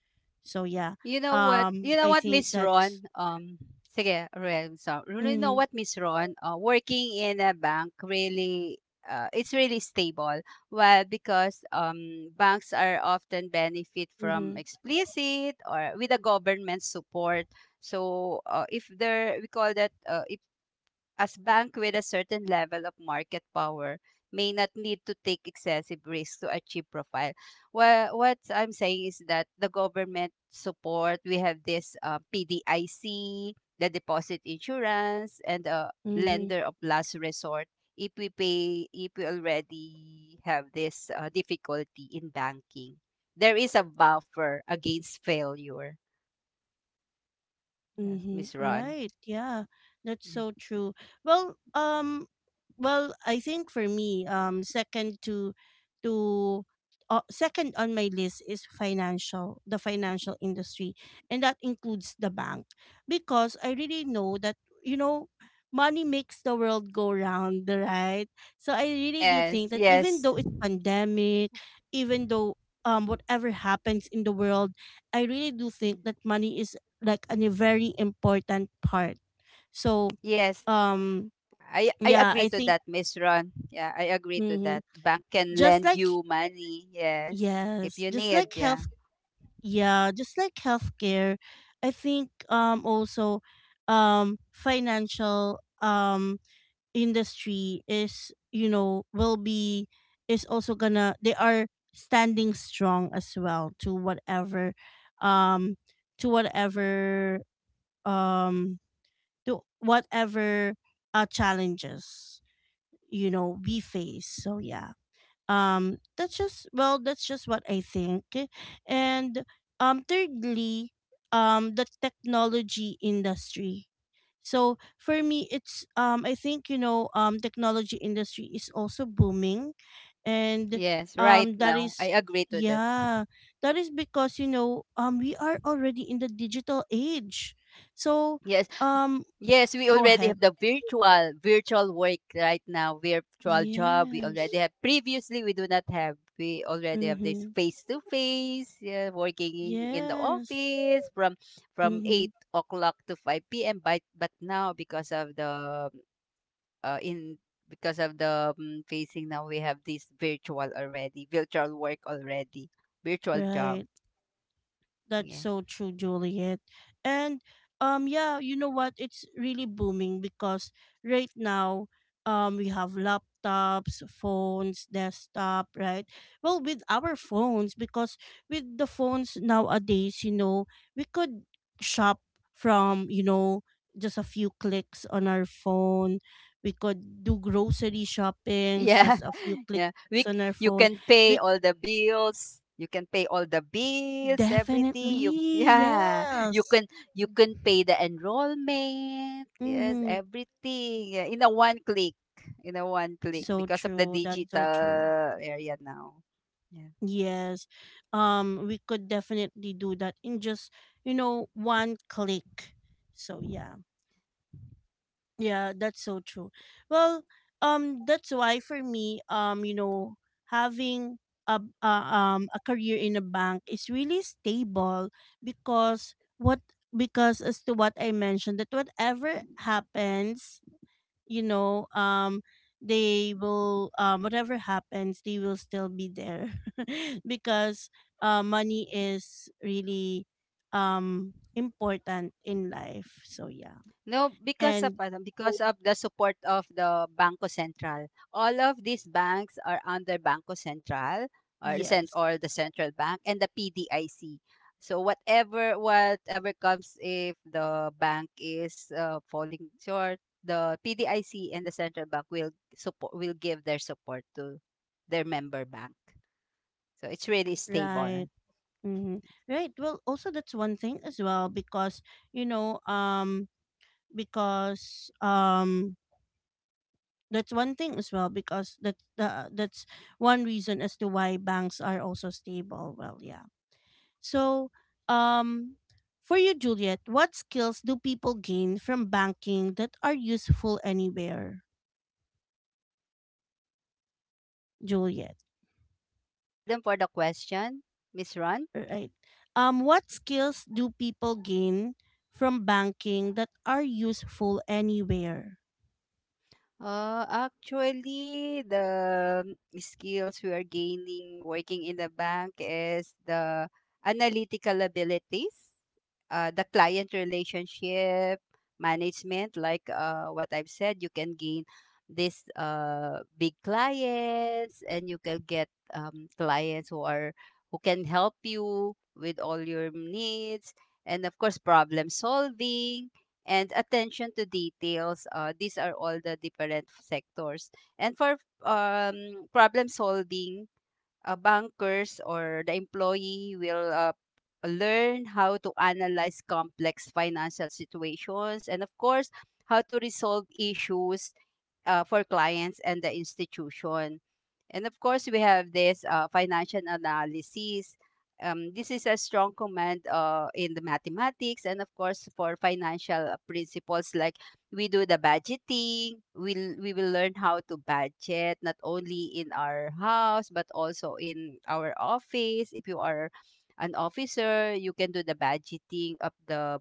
A: So yeah.
B: You know what?
A: I
B: You
A: think
B: know what, Miss
A: that's.
B: Ron? Sige, Ruel.
A: Mm-hmm,
B: So, you know what, Miss Ron? Working in a bank really, it's really stable. Well, because banks are often benefit
A: mm-hmm,
B: from explicit or with the government support. So, if there, we call that as bank with a certain level of market power may not need to take excessive risks to achieve profile. Well, what I'm saying is that the government support, we have this PDIC, the deposit insurance, and
A: mm-hmm.
B: lender of last resort if we pay, if we already have this difficulty in banking. There is a buffer against failure. Yes,
A: Mm-hmm.
B: Miss Ron.
A: Right. Yeah. That's so true. Well, well, I think for me, to, second on my list is financial, the financial industry, and that includes the bank, because I really know that, you know, money makes the world go round, right? So I really do
B: Yes,
A: think that even
B: yes,
A: though it's pandemic, even though whatever happens in the world, I really do think that money is like a very important part. So,
B: yes.
A: um,
B: I
A: yeah,
B: agree
A: I
B: to
A: think
B: that, Miss Ron. Yeah, I agree to that.
A: mhm,
B: Bank can
A: just
B: lend
A: like
B: you money, yes, if
A: yes,
B: you
A: just
B: need.
A: like
B: Yeah,
A: health, yeah, just like healthcare, I think also financial industry is you know will be is also gonna they are standing strong as well to whatever um to whatever um to whatever challenges you know we face so yeah, that's just well that's just what I think. And thirdly, the technology industry. So for me it's I think you know technology industry is also booming. And
B: yes, right
A: that
B: now I
A: is
B: agree to that.
A: yeah that is because you know we are already in the digital age. So
B: Yes, y-
A: um
B: yes, we
A: go
B: already
A: ahead.
B: have the virtual work right now, virtual job. We already
A: Yes.
B: have. Previously, we do not have. We already have this
A: Mm-hmm.
B: face to face. Yeah, working in the
A: Yes.
B: office from
A: Mm-hmm.
B: 8 o'clock to five p.m. But now because of the in because of the facing, now we have this virtual already, virtual work already, virtual job.
A: Right. That's
B: Yeah.
A: so true, Juliet. And yeah, you know what? It's really booming because right now we have laptops, phones, desktop, right? Well, with our phones because with the phones nowadays, you know, we could shop from, you know, just a few clicks on our phone. We could do grocery shoppings,
B: Yeah.
A: just a few
B: Yeah,
A: clicks on our phone.
B: you can
A: We
B: pay all the bills, you can pay all the bills, everything you
A: definitely
B: yeah, you
A: yes.
B: can, you can pay the enrollment, yes,
A: Mhm.
B: everything, yeah, in a one click, in a one click,
A: So
B: because of the
A: true. That's so true.
B: digital area now. Yeah.
A: Yes. We could definitely do that in just, you know, one click. So yeah. Yeah, that's so true. Well, that's why for me, you know, having a a career in a bank is really stable because what because as to what I mentioned that whatever happens you know they will whatever happens they will still be there because money is really important in life so yeah
B: No, because of
A: and
B: ano, because of the support of the Banco Central. All of these banks are under Banco Central or the
A: yes
B: central bank and the PDIC. So whatever, whatever comes, if the bank is falling short, the PDIC and the central bank will support, will give their support to their member bank. So it's really stable.
A: right hmm right well also that's one thing as well because you know because that's one thing as well because that that's one reason as to why banks are also stable well yeah. So, um, for you, Juliet, what skills do people gain from banking that are useful anywhere, Juliet?
B: Pardon for the question, Miss Ron?
A: Right. What skills do people gain from banking that are useful anywhere?
B: Actually, the skills we are gaining working in the bank is the analytical abilities, the client relationship management. Like what I've said, you can gain this big clients and you can get clients who are who can help you with all your needs, and of course problem solving and attention to details. These are all the different sectors. And for problem solving, bankers or the employee will learn how to analyze complex financial situations and of course how to resolve issues for clients and the institution. And of course we have this financial analysis. This is a strong command in the mathematics, and of course for financial principles, like we do the budgeting. We will learn how to budget not only in our house but also in our office. If you are an officer, you can do the budgeting of the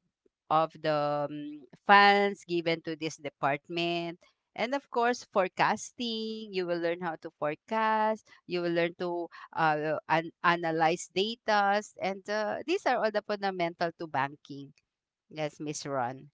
B: funds given to this department. And of course forecasting, you will learn how to forecast, you will learn to analyze data, and these are all the fundamental to banking. Yes, Miss Ron.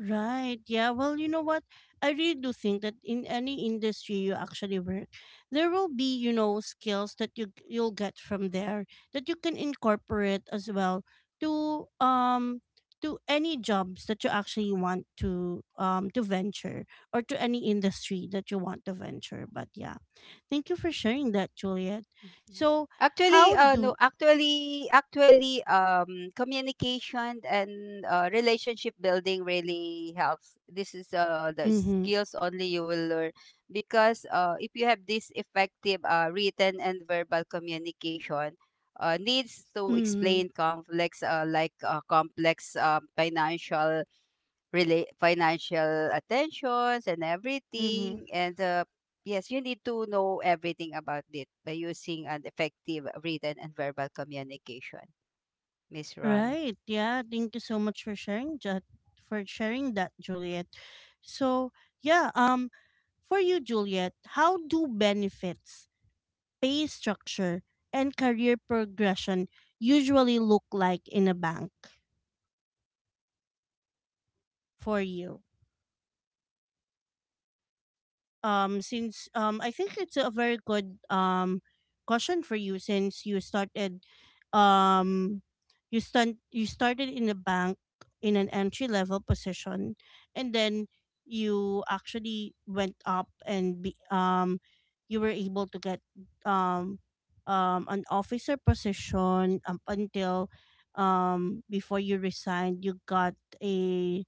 A: Right. Yeah. Well, you know what? I really do think that in any industry you actually work, there will be, you know, skills that you'll get from there that you can incorporate as well to um to any jobs that you actually want to venture or to any industry that you want to venture. But yeah. Thank you for sharing that, Juliet.
B: Mm, yeah.
A: So,
B: Actually,
A: how
B: no,
A: do
B: actually, actually, communication and relationship building really helps. This is the
A: mhm,
B: skills only you will learn, because if you have this effective written and verbal communication, needs to
A: mhm,
B: explain complex, complex financial attentions and everything.
A: mhm.
B: And yes, you need to know everything about it by using an effective written and verbal communication, Miss Ron.
A: Right. Yeah. Thank you so much for sharing that, Juliet. So yeah, for you, Juliet, how do benefits, pay structure, and career progression usually look like in a bank for you? Since I think it's a very good question for you since you started um you stunt you started in a bank in an entry level position, and then you actually went up and be, you were able to get um an officer position up until before you resigned you got a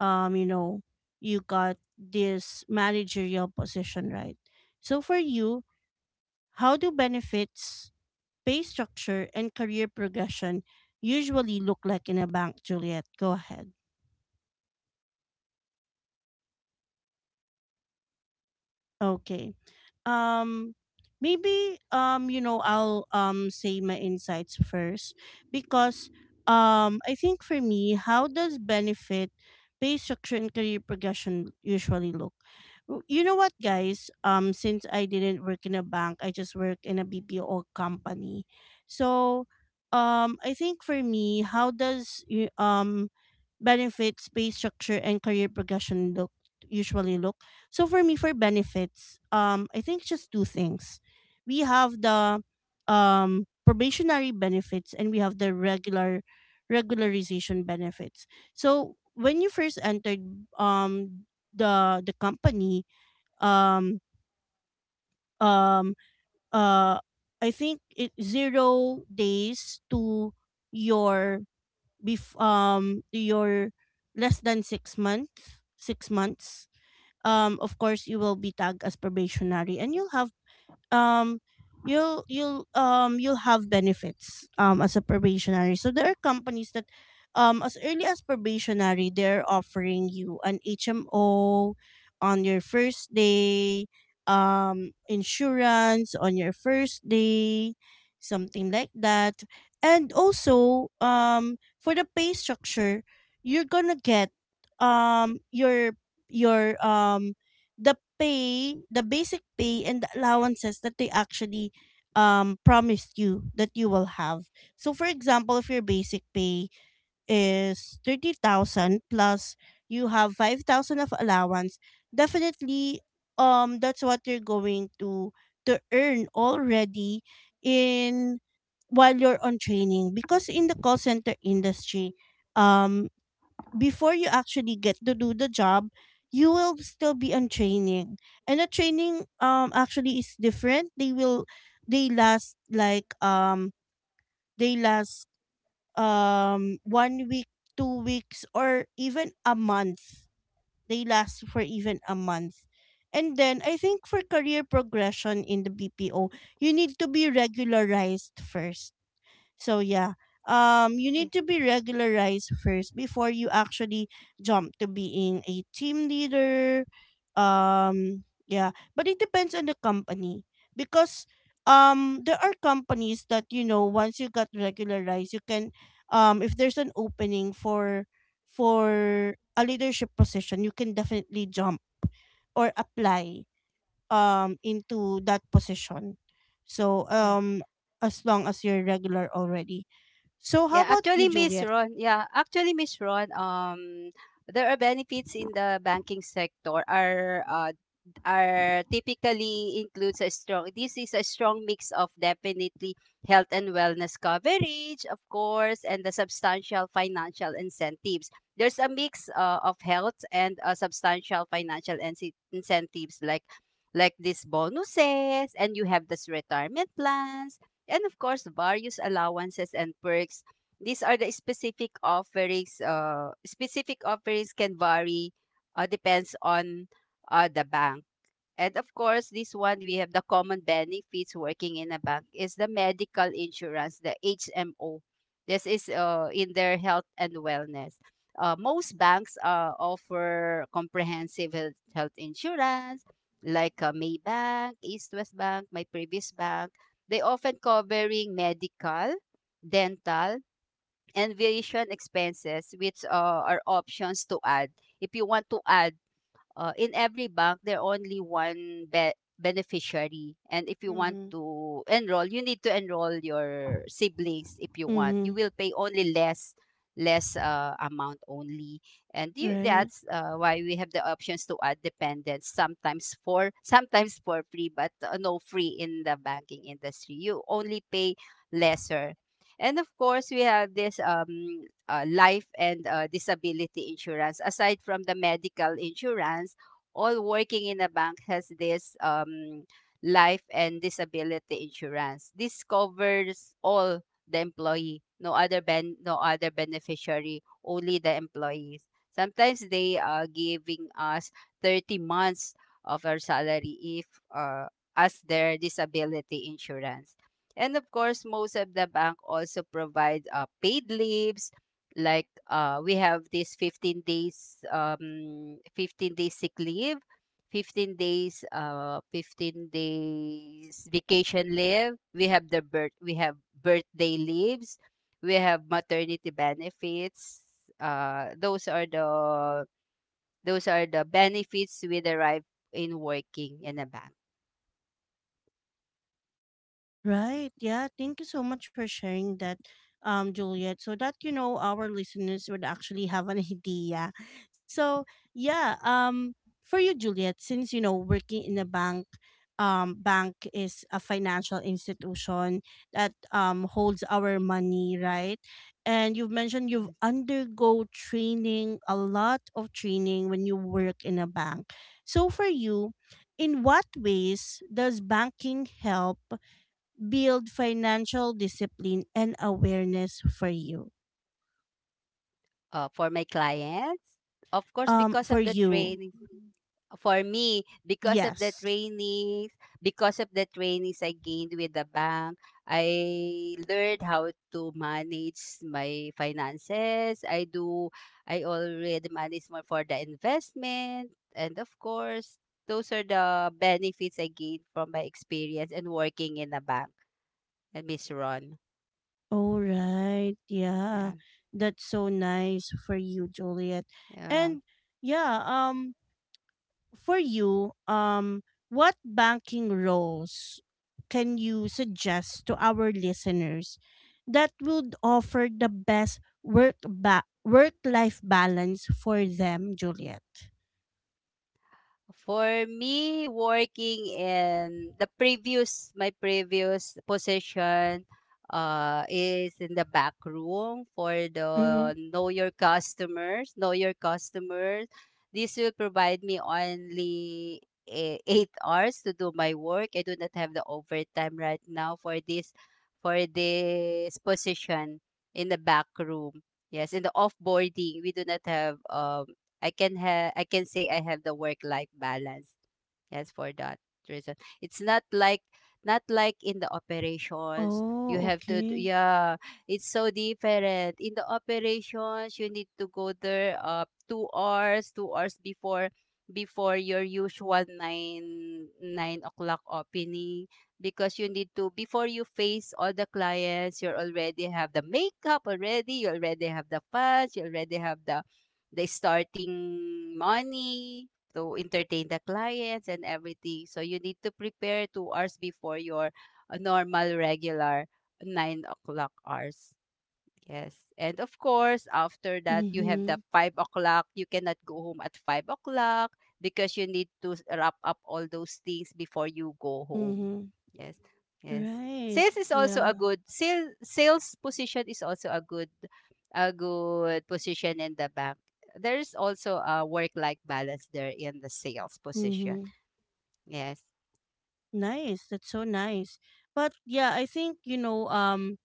A: you know you got this managerial position, right? So for you, how do benefits, pay structure, and career progression usually look like in a bank, Juliet? Go ahead. Okay. Um, maybe you know, I'll say my insights first because I think for me, how does benefit, pay structure, and career progression usually look? W- You know what, guys? Since I didn't work in a bank, I just work in a BPO company. So, I think for me, how does benefits, pay structure, and career progression look usually look? So for me, for benefits, I think just two things. We have the probationary benefits and we have the regularization benefits. So when you first entered um the company, um um uh I think it zero days to your to your less than six months of course you will be tagged as probationary and you'll have um you'll have benefits as a probationary, so there are companies that as early as probationary they're offering you an HMO on your first day, insurance on your first day, something like that. And also for the pay structure you're gonna get your your um the pay, the basic pay and the allowances that they actually promised you that you will have. So for example, if your basic pay is 30,000 plus you have 5,000 of allowance, definitely that's what you're going to earn already in while you're on training because in the call center industry um before you actually get to do the job, you will still be on training. And the training actually is different. They will they last like um they last one week, two weeks or even a month. They last for even a month. And then I think for career progression in the BPO, you need to be regularized first so yeah, you
B: Yeah.
A: need to be regularized first before you actually jump to being a team leader. Yeah, but it depends on the company because there are companies that you know once you got regularized you can if there's an opening for a leadership position you can definitely jump or apply into that position. So
B: Yeah.
A: as long as you're regular already, so how
B: Yeah,
A: about you,
B: actually Miss
A: Juliet?
B: Ron, there are benefits in the banking sector, are are typically includes a strong, this is a strong mix of, definitely, health and wellness coverage of course, and the substantial financial incentives. There's a mix of health and substantial incentives, like these bonuses, and you have this retirement plans, and of course various allowances and perks. These are the specific offerings, specific offerings can vary depends on the bank. And of course, this one, we have the common benefits working in a bank is the medical insurance, the HMO. This is in their health and wellness. Most banks offer comprehensive health insurance, like Maybank, East West Bank, my previous bank. They often covering medical, dental, and vision expenses, which are options to add. If you want to add in every bank, there only one beneficiary, and if you want
A: Mm-hmm.
B: to enroll, you need to enroll your siblings. If you want,
A: Mm-hmm.
B: you will pay only less amount only. And you,
A: Right.
B: that's why we have the options to add dependents, sometimes for sometimes for free, but no free in the banking industry, you only pay lesser. And of course we have this life and disability insurance. Aside from the medical insurance, all working in a bank has this life and disability insurance. This covers all the employee, no other beneficiary, only the employees. Sometimes they are giving us 30 months of our salary if uh, as their disability insurance. And of course, most of the bank also provide paid leaves, like we have this 15 days sick leave, 15 days vacation leave. We have the birthday leaves, we have maternity benefits. Those are the benefits we derive in working in a bank.
A: Right. Yeah. Thank you so much for sharing that, Juliet, so that you know our listeners would actually have an idea. So yeah, for you, Juliet, since you know working in a bank, bank is a financial institution that holds our money, right? And you've mentioned you've undergo training, a lot of training when you work in a bank. So for you, in what ways does banking help build financial discipline and awareness for you.
B: For my clients, of course, because of
A: For
B: the
A: you,
B: training, for me, because of the
A: yes.
B: trainings, I gained with the bank, I learned how to manage my finances. I already manage more for the investment, and of course those are the benefits I gained from my experience and working in the bank. And Miss Ron,
A: All right, yeah,
B: yeah,
A: that's so nice for you, Juliet.
B: yeah.
A: And yeah, for you, what banking roles can you suggest to our listeners that would offer the best work life balance for them, Juliet?
B: For me, working in the previous, my previous position is in the back room for
A: Mm-hmm.
B: the know your customers, know your customers. This will provide me only 8 hours to do my work. I do not have the overtime right now for this position in the back room. Yes, in the offboarding, we do not have I can say I have the work life balance. Yes, for that reason. It's not like, not like in the operations.
A: Oh,
B: You have to
A: okay.
B: yeah, it's so different. In the operations, you need to go there 2 hours, 2 hours before your usual nine o'clock opening, because you need to, before you face all the clients, you already have the makeup already, you already have the fans, you already have the starting money to entertain the clients and everything. So you need to prepare 2 hours before your normal regular 9 o'clock hours. Yes. And of course, after that, you have the
A: Mhm.
B: 5 o'clock. You cannot go home at 5 o'clock because you need to wrap up all those things before you go home.
A: Mhm.
B: Yes. Yes.
A: Right.
B: Sales is also a
A: Yeah.
B: good, sales position is also a good, a good position in the bank. There is also a work life balance there in the sales position.
A: Mhm.
B: Yes.
A: Nice. That's so nice. But yeah, I think, you know, um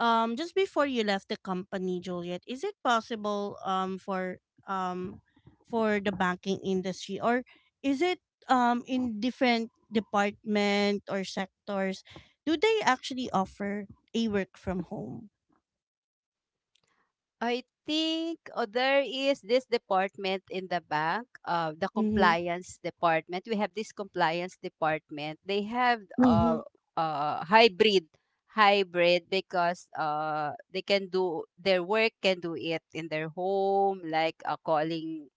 A: um just before you left the company, Juliet, is it possible um for the banking industry or is it in different department or sectors do they actually offer a work from home?
B: I think, oh, there is this department in the bank, the
A: Mhm.
B: compliance department. We have this compliance department. They have
A: Mhm.
B: uh, hybrid, hybrid, because they can do their work, can do it in their home, like calling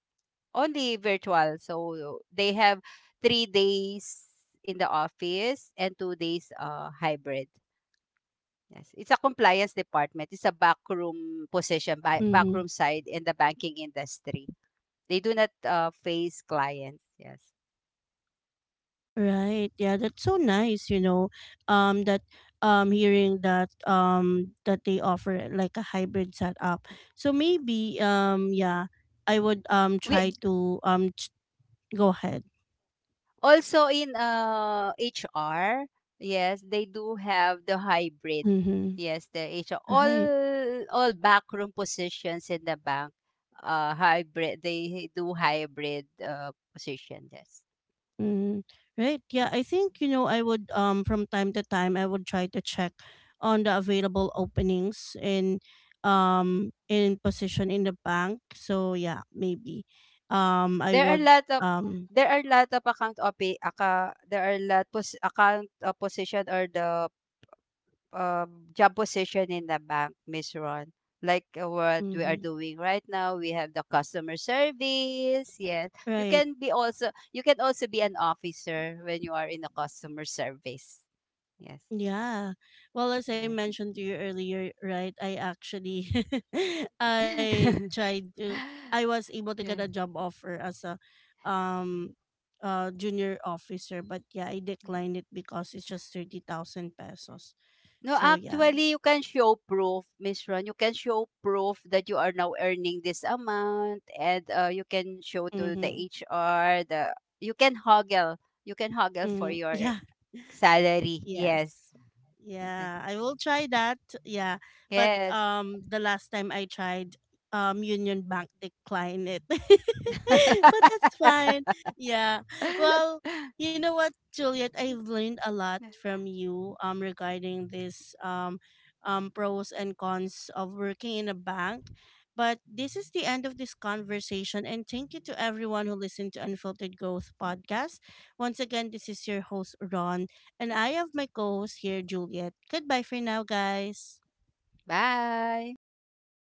B: only virtual. So they have 3 days in the office and 2 days hybrid. Yes, it's a compliance department. It's a backroom position, by
A: Mhm.
B: backroom side in the banking industry. They do not face clients. Yes,
A: Right. Yeah, that's so nice, you know. That hearing that that they offer like a hybrid setup. So maybe yeah, I would
B: we Mm,
A: try to go ahead.
B: also in HR. Yes, they do have the hybrid.
A: Mhm.
B: Yes, the HR,
A: Right.
B: all backroom positions in the bank. Hybrid. They do hybrid position. Yes.
A: Mm. Right. Yeah, I think you know I would from time to time I would try to check on the available openings in position in the bank. So yeah, maybe I
B: There are
A: would
B: lot of,
A: um
B: account opi acca there are lot pos account, position, or the job position in the bank, Miss Ron. Like, what we are
A: mhm.
B: doing right now, we have the customer service. Yes.
A: Right.
B: You can also be an officer when you are in the customer service. Yes.
A: Yeah. Well, as I
B: Yes.
A: mentioned to you earlier, right, I actually I tried to I was able to get a
B: Yes.
A: job offer as a um junior officer, but yeah, I declined it because it's just 30,000 pesos.
B: No,
A: So yeah.
B: actually, you can show proof, Miss Ron. You can show proof that you are now earning this amount, and you can show to the
A: Mhm.
B: HR. The You can hoggle, you can hoggle for
A: Mm,
B: your
A: yeah.
B: salary. Yes,
A: Yes.
B: Ganun,
A: Yeah, I will try that. Yeah. But
B: yes.
A: the last time I tried Union Bank declined it. But that's fine. Yeah. Well, you know what, Juliet, I've learned a lot from you regarding this pros and cons of working in a bank. But this is the end of this conversation and thank you to everyone who listened to Unfiltered Growth podcast. Once again, this is your host Ron and I have my co host here, Juliet. Goodbye for now, guys.
B: Bye.